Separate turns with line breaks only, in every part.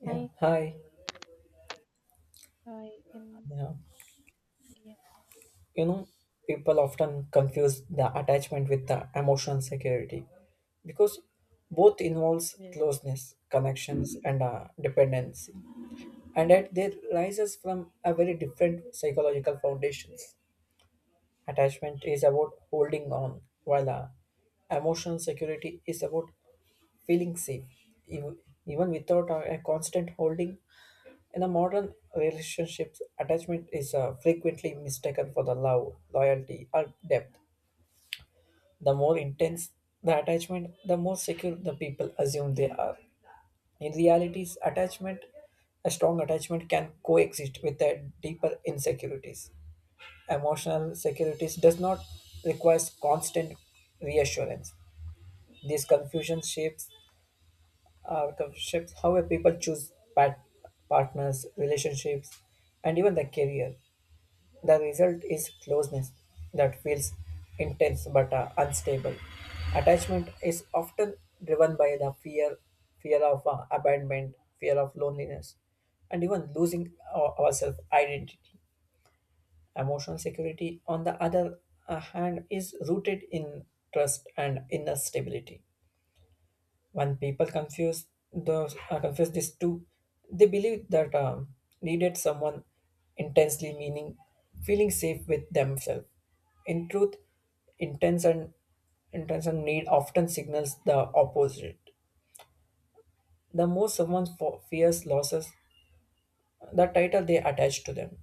Yeah,
Hi,
hi.
hi, and
Yeah.
yeah,
You know, people often confuse the attachment with the emotional security because both involves
yes,
closeness, connections, and dependency, and that they rises from a very different psychological foundations. Attachment is about holding on, while emotional security is about feeling safe, even, even without a constant holding. In a modern relationships, attachment is frequently mistaken for the love, loyalty, or depth. The more intense the attachment, the more secure the people assume they are. In reality, a strong attachment can coexist with a deeper insecurities. Emotional securities does not require constant reassurance. This confusion uh, shapes how a people choose partners, relationships, and even the career. The result is closeness that feels intense but unstable. Attachment is often driven by the fear of abandonment, fear of loneliness, and even losing our self identity. Emotional security, on the other hand, is rooted in trust and inner stability when people confuse those confuse these two. They believe that needed someone intensely meaning feeling safe with themselves in truth intense and intense and need often signals the opposite. The more someone fears losses, the title they attach to them.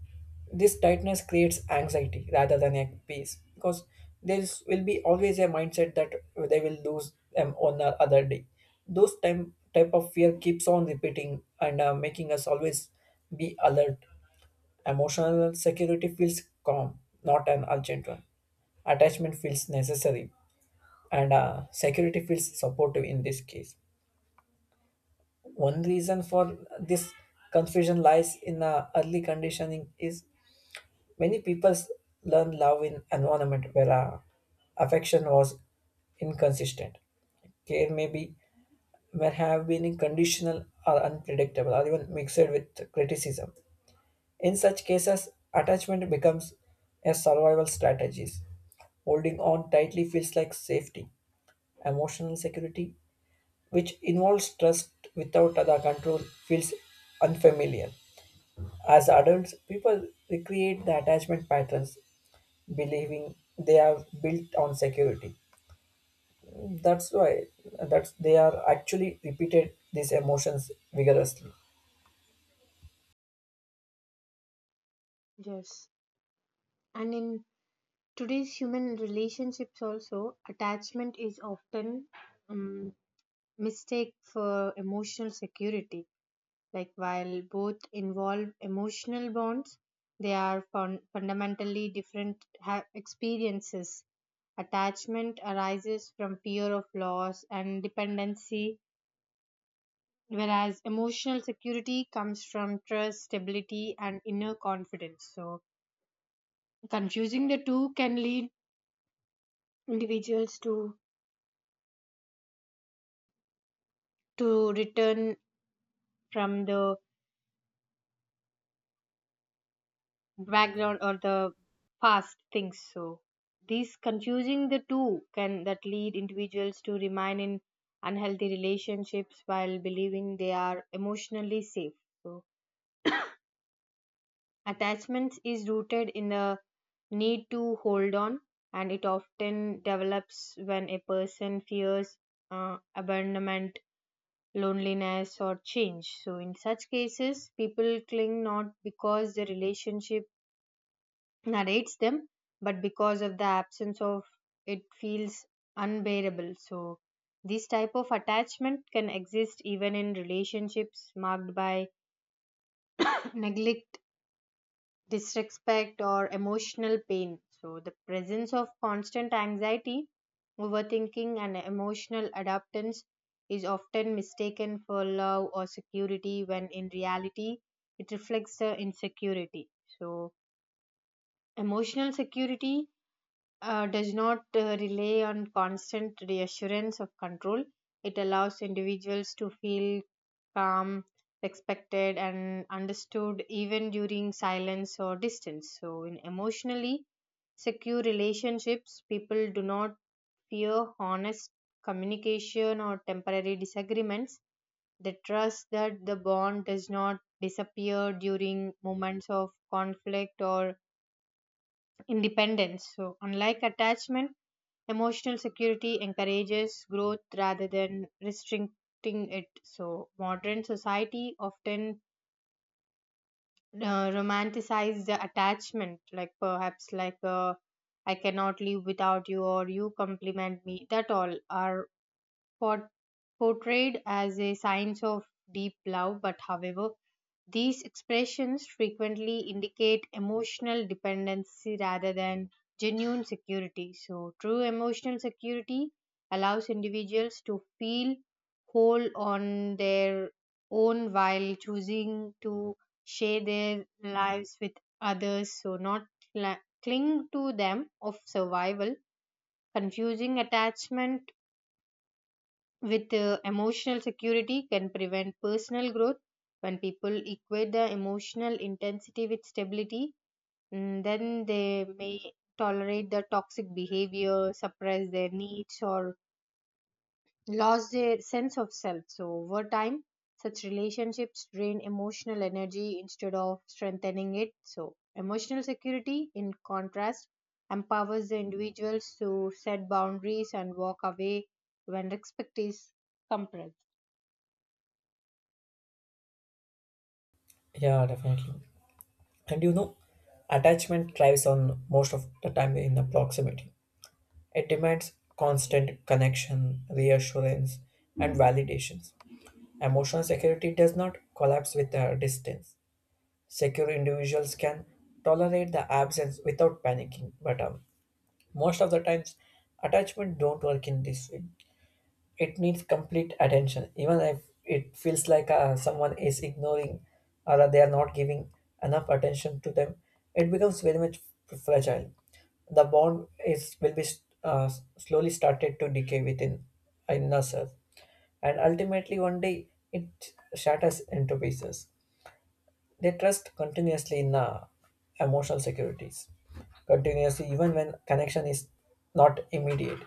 This tightness creates anxiety rather than a peace because there will be always a mindset that they will lose them on the other day. Those time type of fear keeps on repeating and making us always be alert. Emotional security feels calm, not an urgent one. Attachment feels necessary, and security feels supportive in this case. One reason for this confusion lies in early conditioning is many people learn love in environment where affection was inconsistent. Care may have been conditional or unpredictable or even mixed with criticism. In such cases, attachment becomes a survival strategy. Holding on tightly feels like safety. Emotional security, which involves trust without other control, feels unfamiliar. As adults, people recreate the attachment patterns, believing they are built on security. That's why that's they are actually repeated these emotions vigorously.
yes. And in today's human relationships, also, attachment is often um, mistake for emotional security. Like, while both involve emotional bonds, they are fundamentally different experiences. Attachment arises from fear of loss and dependency, whereas emotional security comes from trust, stability, and inner confidence. So, confusing the two can lead individuals to return from the background or the past things. So, these confusing the two can that lead individuals to remain in unhealthy relationships while believing they are emotionally safe. So, attachment is rooted in the need to hold on, and it often develops when a person fears abandonment, loneliness, or change. So, in such cases, people cling not because the relationship narrates them, but because of the absence of it feels unbearable. So, this type of attachment can exist even in relationships marked by neglect, disrespect, or emotional pain. So, the presence of constant anxiety, overthinking, and emotional adaptance is often mistaken for love or security when in reality it reflects the insecurity. So, emotional security does not rely on constant reassurance of control. It allows individuals to feel calm, respected, and understood even during silence or distance. So, in emotionally secure relationships, people do not fear honest communication or temporary disagreements. They trust that the bond does not disappear during moments of conflict or independence. So, unlike attachment, emotional security encourages growth rather than restricting it. So, modern society often romanticize the attachment, like perhaps like I cannot live without you or you compliment me. That all are por- portrayed as a signs of deep love, but however, these expressions frequently indicate emotional dependency rather than genuine security. So, true emotional security allows individuals to feel whole on their own while choosing to share their lives with others, so not cla cling to them of survival. Confusing attachment with emotional security can prevent personal growth. When people equate the emotional intensity with stability, then they may tolerate the toxic behavior, suppress their needs, or lose their sense of self. So over time such relationships drain emotional energy instead of strengthening it. So emotional security, in contrast, empowers the individuals to set boundaries and walk away when respect is compressed.
Yeah, definitely. And you know, attachment thrives on most of the time in the proximity. It demands constant connection, reassurance, and validations. Emotional security does not collapse with distance. Secure individuals can tolerate the absence without panicking, but most of the times, attachment don't work in this way. It needs complete attention even if it feels like someone is ignoring or they are not giving enough attention to them. It becomes very much fragile. The bond is will be uh, slowly started to decay within in ourselves, and ultimately one day it shatters into pieces. They trust continuously in emotional securities continuously even when connection is not immediate.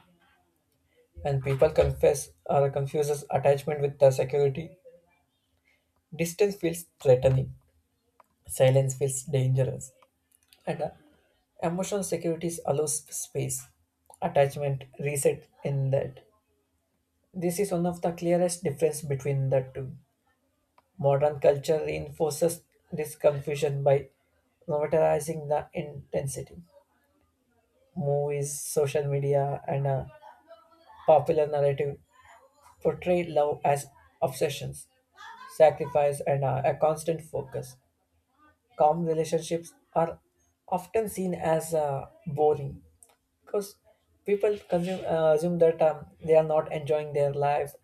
And people confess or confuses attachment with the security. Distance feels threatening, silence feels dangerous, and emotional security allows space. Attachment reset in that. This is one of the clearest difference between the two. Modern culture reinforces this confusion by normalizing the intensity. Movies, social media, and popular narrative portray love as obsessions, sacrifice, and a constant focus. Calm relationships are often seen as boring because people assume that they are not enjoying their life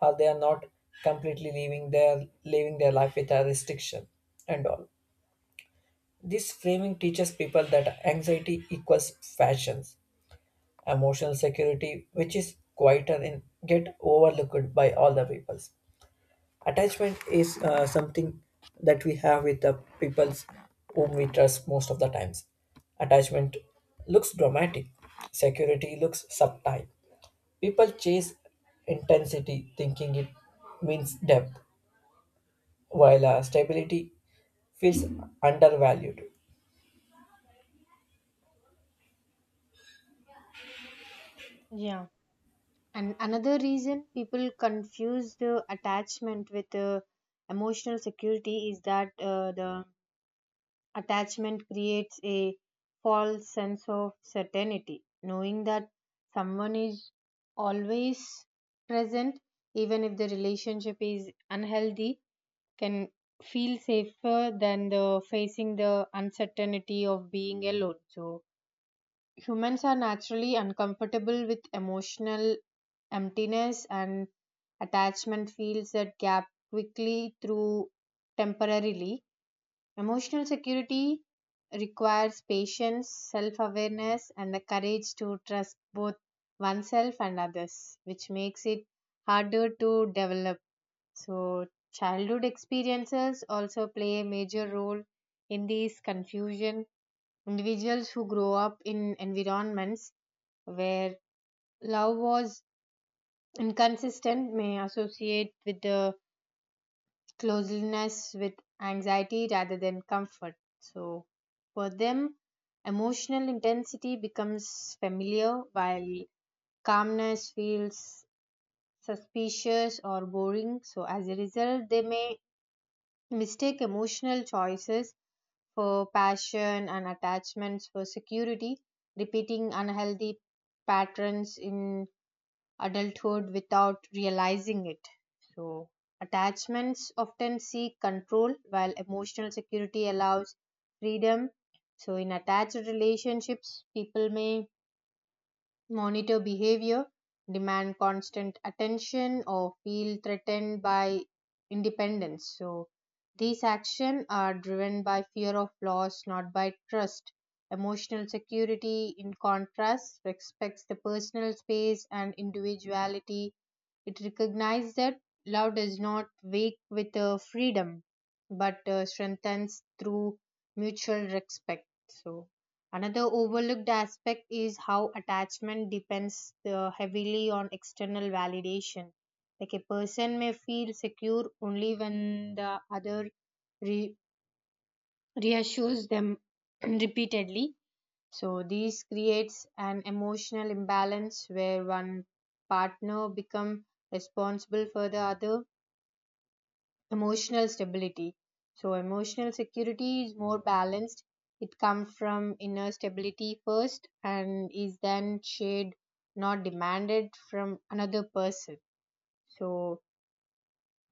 or they are not completely living their life with a restriction and all. This framing teaches people that anxiety equals fashion. Emotional security, which is quieter and get overlooked by all the peoples. Attachment is something that we have with the peoples whom we trust most of the times. Attachment looks dramatic, security looks subtle. People chase intensity, thinking it means depth, while stability feels undervalued.
Yeah, and another reason people confuse the attachment with emotional security is that the attachment creates a false sense of certainty. Knowing that someone is always present, even if the relationship is unhealthy, can feel safer than the facing the uncertainty of being alone. So, humans are naturally uncomfortable with emotional emptiness, and attachment fills that gap quickly through temporarily. Emotional security requires patience, self-awareness, and the courage to trust both oneself and others, which makes it harder to develop. So childhood experiences also play a major role in this confusion. Individuals who grow up in environments where love was inconsistent may associate with the closeness with anxiety rather than comfort. So, for them, emotional intensity becomes familiar while calmness feels suspicious or boring. So, as a result, they may mistake emotional choices for passion and attachments for security, repeating unhealthy patterns in adulthood without realizing it. So, attachments often seek control while emotional security allows freedom. So, in attached relationships, people may monitor behavior, demand constant attention, or feel threatened by independence. So, these actions are driven by fear of loss, not by trust. Emotional security, in contrast, respects the personal space and individuality. It recognizes that love does not wake with freedom but strengthens through mutual respect. So, another overlooked aspect is how attachment depends heavily on external validation. Like, a person may feel secure only when the other re- reassures them repeatedly. So, this creates an emotional imbalance where one partner becomes responsible for the other emotional stability. So emotional security is more balanced. It comes from inner stability first and is then shared, not demanded from another person. So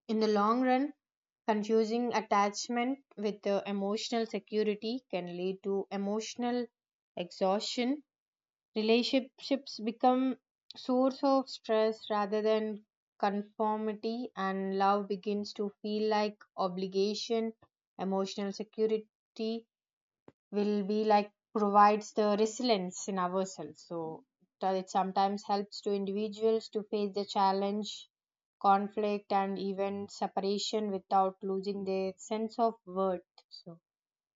in the long run, confusing attachment with the emotional security can lead to emotional exhaustion. Relationships become source of stress rather than conformity, and love begins to feel like obligation. Emotional security will be like provides the resilience in ourselves, so that it sometimes helps to individuals to face the challenge, conflict, and even separation without losing their sense of worth. So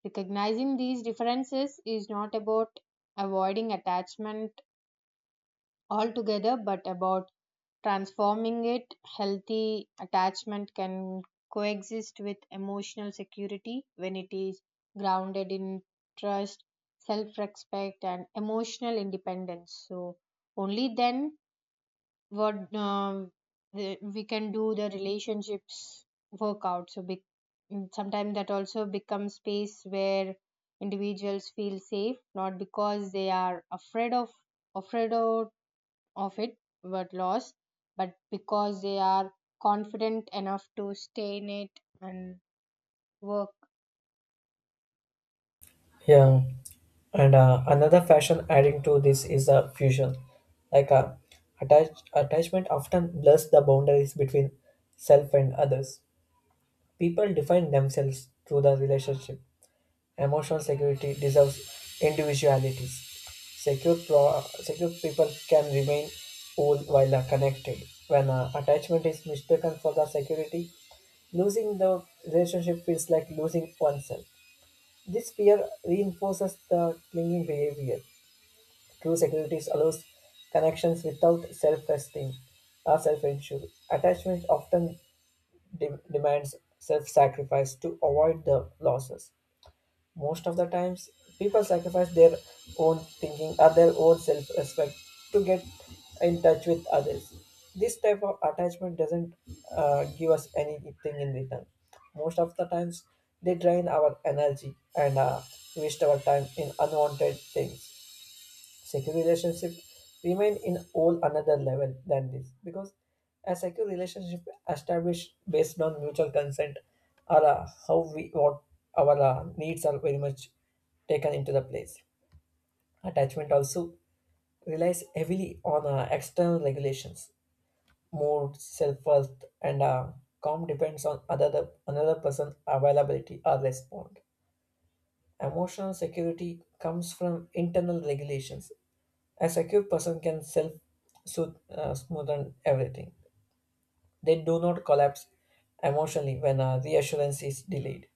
recognizing these differences is not about avoiding attachment altogether, but about transforming it. Healthy attachment can coexist with emotional security when it is grounded in trust, self respect, and emotional independence. So, only then what we can do the relationships work out. So, sometimes that also becomes space where individuals feel safe not because they are afraid of of it were lost, but because they are confident enough to stay in it and work.
Yeah, and another fashion adding to this is a fusion, like attachment often blurs the boundaries between self and others. People define themselves through the relationship. Emotional security deserves individualities. Secure people can remain whole while connected. When attachment is mistaken for the security, losing the relationship feels like losing oneself. This fear reinforces the clinging behavior. True security allows connections without self-esteem or self-insure. Attachment often demands self-sacrifice to avoid the losses. Most of the times, people sacrifice their own thinking or their own self respect to get in touch with others. This type of attachment doesn't give us anything in return. Most of the times, they drain our energy and waste our time in unwanted things. Secure relationship remain in all another level than this because a secure relationship established based on mutual consent or how we what our needs are very much taken into the place. Attachment also relies heavily on external regulations, mood, self-worth, and calm depends on other another person availability or respond. Emotional security comes from internal regulations. A secure person can smoothen everything. They do not collapse emotionally when a reassurance is delayed.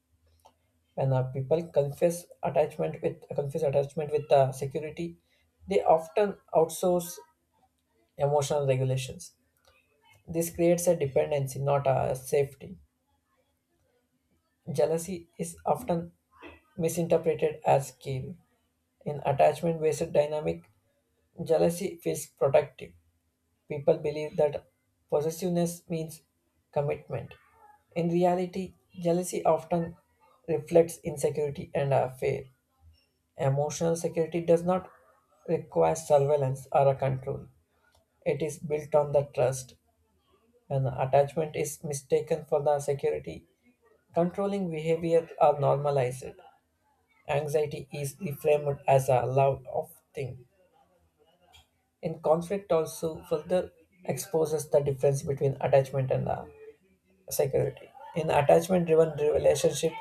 When people confess attachment with security, they often outsource emotional regulations. This creates a dependency, not a safety. Jealousy is often misinterpreted as care. In attachment based dynamic, jealousy feels protective. People believe that possessiveness means commitment. In reality, jealousy often reflects insecurity and a fear. Emotional security does not require surveillance or a control. It is built on the trust, and attachment is mistaken for the security. Controlling behavior are normalized. Anxiety is reframed as a love of things. In conflict also further exposes the difference between attachment and security. In attachment driven relationship,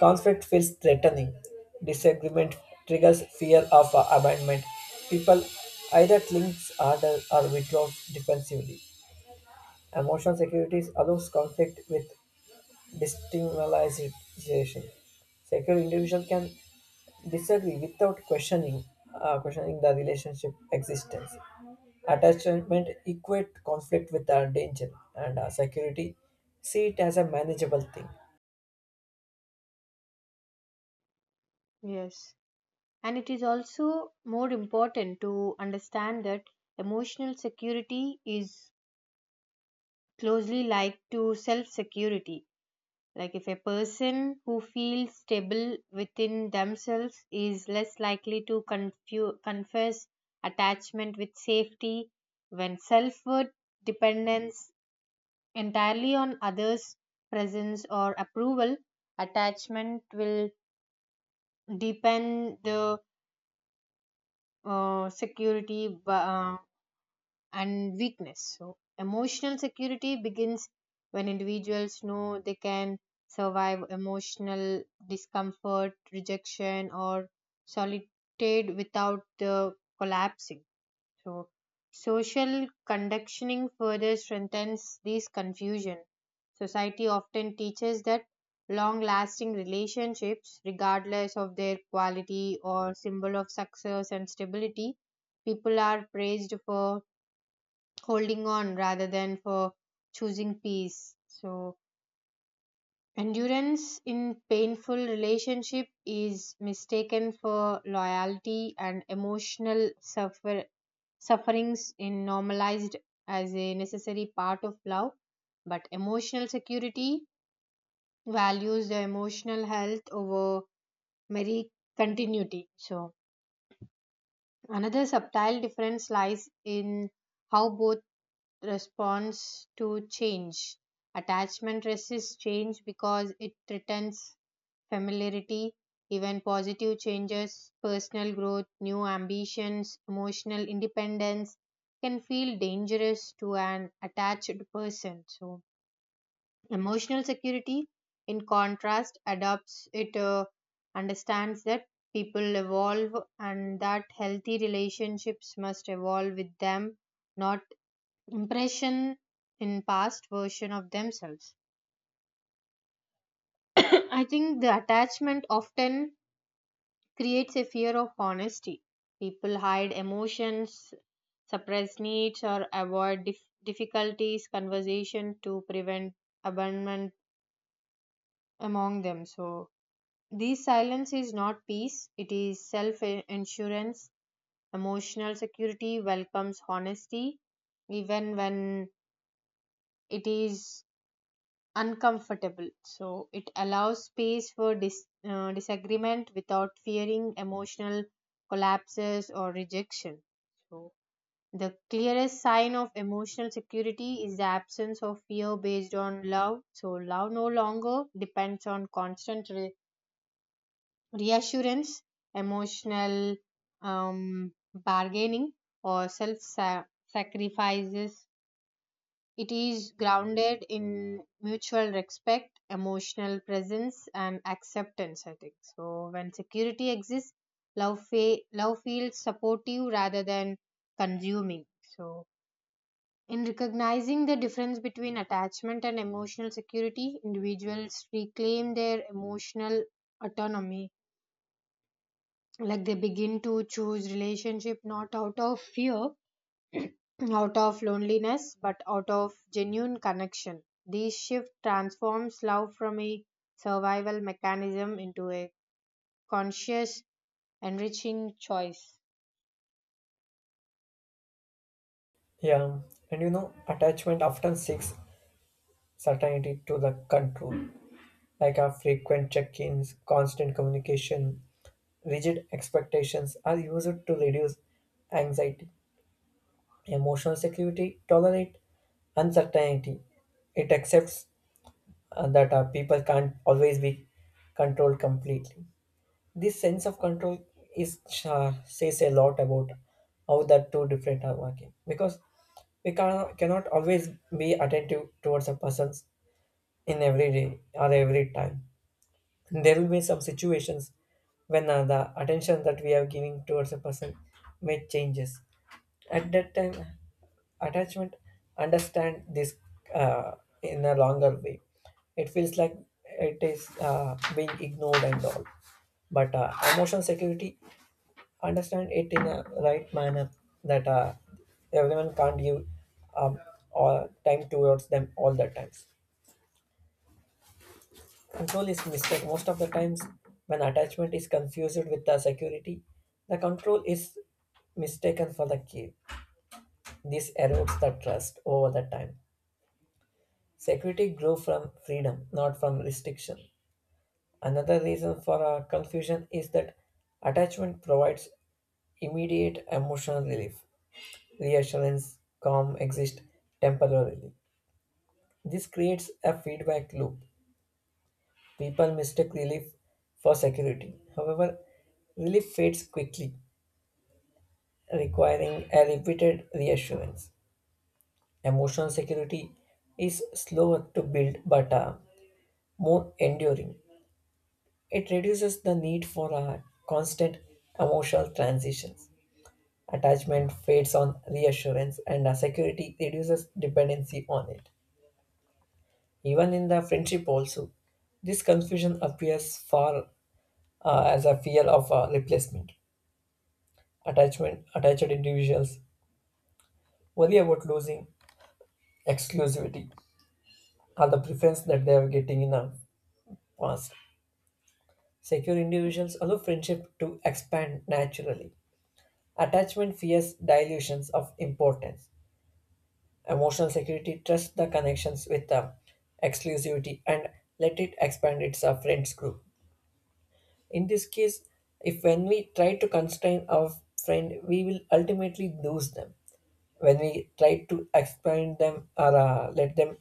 conflict feels threatening. Disagreement triggers fear of abandonment. People either cling harder or withdraw defensively. Emotional security allows conflict with destigmatization. Secular individuals can disagree without questioning the relationship existence. Attachment equate conflict with danger and security. See it as a manageable thing.
Yes. And it is also more important to understand that emotional security is closely linked to self security. Like, if a person who feels stable within themselves is less likely to confess attachment with safety, when self worth dependence entirely on others' presence or approval, attachment will deepen the security and weakness. So, emotional security begins when individuals know they can survive emotional discomfort, rejection, or solitude without the collapsing. So, social conditioning further strengthens this confusion. Society often teaches that long lasting relationships, regardless of their quality or symbol of success and stability, people are praised for holding on rather than for choosing peace. So, endurance in painful relationship is mistaken for loyalty, and emotional suffer sufferings in normalized as a necessary part of love, but emotional security values the emotional health over mere continuity. So another subtle difference lies in how both responds to change. Attachment resists change because it threatens familiarity. Even positive changes, personal growth, new ambitions, emotional independence can feel dangerous to an attached person. So, emotional security, in contrast, adopts it. Understands that people evolve and that healthy relationships must evolve with them, not impression in past version of themselves. I think the attachment often creates a fear of honesty. People hide emotions, suppress needs, or avoid difficulties, conversation to prevent abandonment among them. So, this silence is not peace, it is self insurance. Emotional security welcomes honesty, even when it is uncomfortable. So it allows space for disagreement without fearing emotional collapses or rejection. So the clearest sign of emotional security is the absence of fear based on love. So love no longer depends on constant reassurance, emotional bargaining, or self sacrifices. It is grounded in mutual respect, emotional presence, and acceptance, I think. So, when security exists, love, love feels supportive rather than consuming. So, in recognizing the difference between attachment and emotional security, individuals reclaim their emotional autonomy. Like, they begin to choose relationship not out of fear, out of loneliness, but out of genuine connection. This shift transforms love from a survival mechanism into a conscious, enriching choice.
Yeah, and you know, attachment often seeks certainty to the control, like our frequent check-ins, constant communication, rigid expectations are used to reduce anxiety. Emotional security tolerate uncertainty. It accepts that people can't always be controlled completely. This sense of control is says a lot about how the two different are working because cannot always be attentive towards a person in every day or every time. There will be some situations when the attention that we are giving towards a person may changes. At that time attachment understand this uh, in a longer way. It feels like it is being ignored and all, but emotional security understand it in a right manner that everyone can't give um, all time towards them all the times. Control is mistake. Most of the times, when attachment is confused with the security, the control is mistaken for the key. This erodes the trust over the time. Security grew from freedom, not from restriction. Another reason for confusion is that attachment provides immediate emotional relief. Reassurance, calm exist temporarily. This creates a feedback loop. People mistake relief for security. However, relief fades quickly, requiring a repeated reassurance. Emotional security is slower to build but more enduring. It reduces the need for constant emotional transitions. Attachment fades on reassurance and security reduces dependency on it. Even in the friendship also, this confusion appears far as a fear of replacement. Attachment Attached individuals worry about losing exclusivity or the preference that they are getting in the past. Secure individuals allow friendship to expand naturally. Attachment fears dilutions of importance. Emotional security trusts the connections with the exclusivity and let it expand its friends group. In this case, if when we try to constrain our friend, we will ultimately lose them. When we try to explain them or let them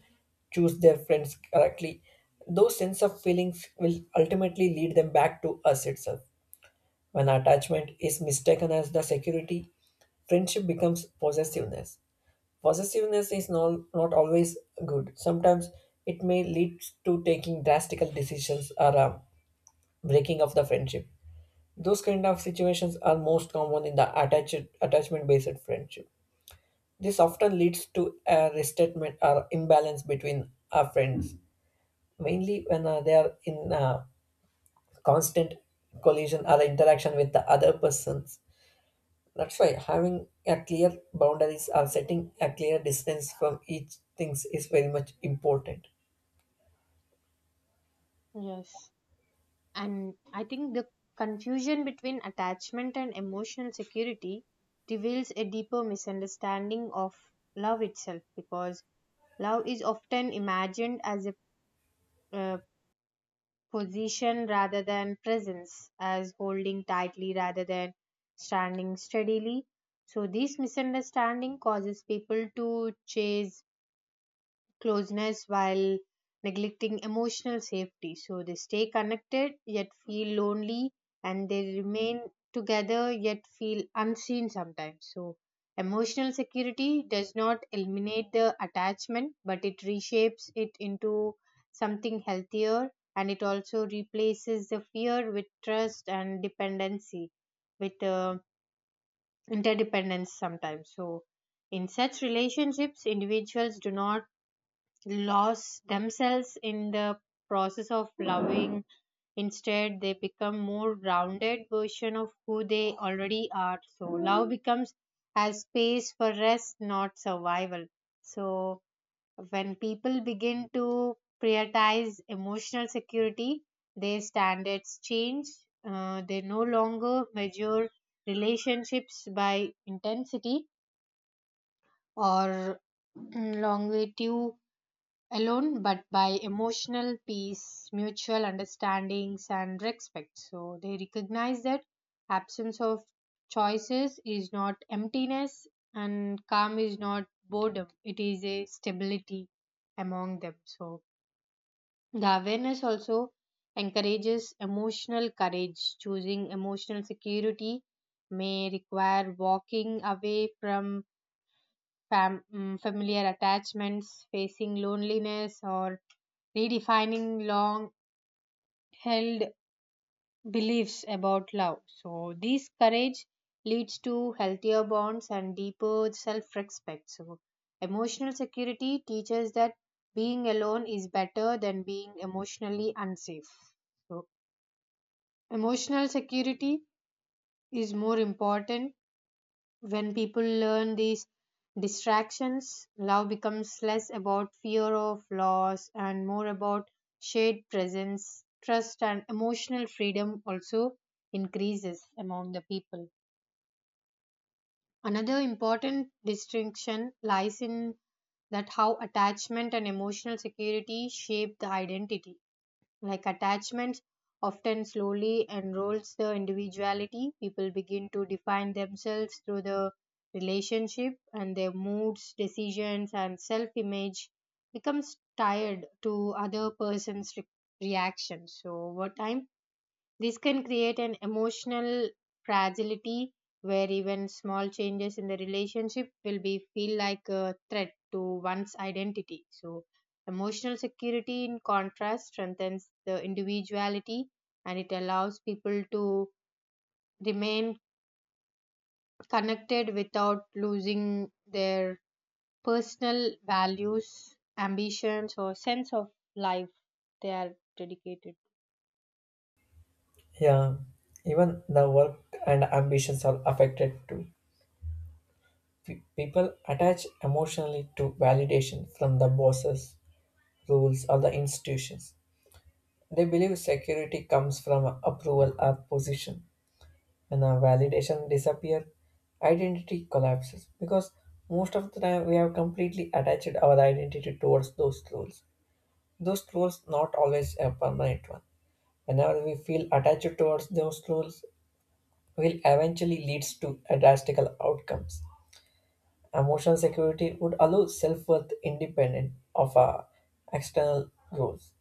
choose their friends correctly, those sense of feelings will ultimately lead them back to us itself. When attachment is mistaken as the security, friendship becomes possessiveness. Possessiveness is not always good. Sometimes it may lead to taking drastical decisions or breaking of the friendship. Those kind of situations are most common in the attached attachment based friendship. This often leads to a restatement or imbalance between our friends, mainly when they are in constant collision or interaction with the other persons. That's why having a clear boundaries or setting a clear distance from each things is very much important.
Yes. And I think the confusion between attachment and emotional security reveals a deeper misunderstanding of love itself, because love is often imagined as a uh, position rather than presence, as holding tightly rather than standing steadily. So, this misunderstanding causes people to chase closeness while neglecting emotional safety. So they stay connected yet feel lonely, and they remain together yet feel unseen sometimes. So emotional security does not eliminate the attachment, but it reshapes it into something healthier, and it also replaces the fear with trust and dependency with interdependence sometimes. So in such relationships, individuals do not lost themselves in the process of loving. Instead, they become more grounded version of who they already are. So love becomes a space for rest, not survival. So when people begin to prioritize emotional security, their standards change. They no longer measure relationships by intensity or longevity alone, but by emotional peace, mutual understandings, and respect. So they recognize that absence of choices is not emptiness, and calm is not boredom, it is a stability among them. So the awareness also encourages emotional courage. Choosing emotional security may require walking away from familiar attachments, facing loneliness, or redefining long held beliefs about love. So, this courage leads to healthier bonds and deeper self respect. So, emotional security teaches that being alone is better than being emotionally unsafe. So, emotional security is more important. When people learn these distractions, love becomes less about fear of loss and more about shared presence, trust, and emotional freedom also increases among the people. Another important distinction lies in that how attachment and emotional security shape the identity. Like, attachments often slowly enrolls the individuality. People begin to define themselves through the relationship, and their moods, decisions, and self image becomes tied to other person's reactions. So over time this can create an emotional fragility where even small changes in the relationship will be feel like a threat to one's identity. So emotional security, in contrast, strengthens the individuality, and it allows people to remain connected without losing their personal values, ambitions, or sense of life they are dedicated.
Yeah, even the work and ambitions are affected too. People attach emotionally to validation from the bosses, rules, or the institutions. They believe security comes from approval or position. When our validation disappears, identity collapses because most of the time we have completely attached our identity towards those roles. Those roles not always a permanent one. Whenever we feel attached towards those roles, will eventually leads to a drastical outcomes. Emotional security would allow self-worth independent of our external roles.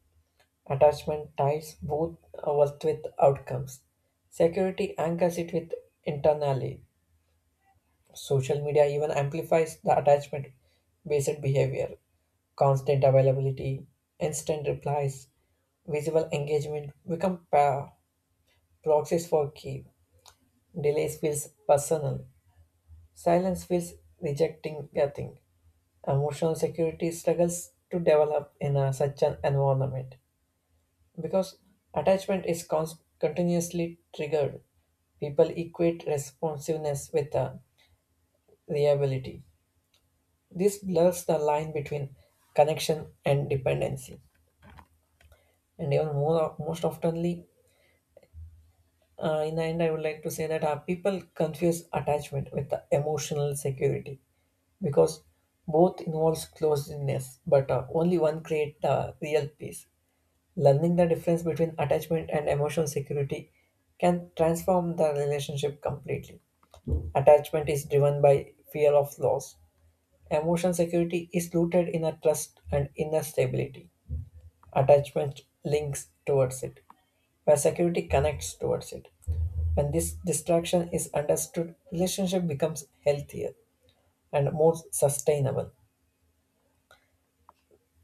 Attachment ties both worth with outcomes. Security anchors it with internally. Social media even amplifies the attachment based behavior. Constant availability, instant replies, visible engagement become proxies for key. Delays feels personal. Silence feels rejecting nothing. Emotional security struggles to develop in such an environment. Because attachment is continuously triggered, people equate responsiveness with reliability. This blurs the line between connection and dependency. And even more, most oftenly, in the end, I would like to say that people confuse attachment with the emotional security because both involves closeness, but only one creates the real peace. Learning the difference between attachment and emotional security can transform the relationship completely. Attachment is driven by fear of loss. Emotional security is rooted in a trust and inner stability. Attachment links towards it, where security connects towards it. When this distraction is understood, relationship becomes healthier and more sustainable.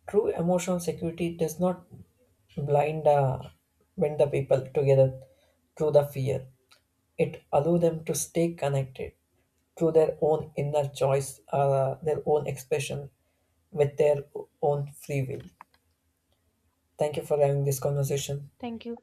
True emotional security does not blind bind the people together through the fear. It allows them to stay connected through their own inner their own expression, with their own free will. Thank you for having this conversation.
Thank you.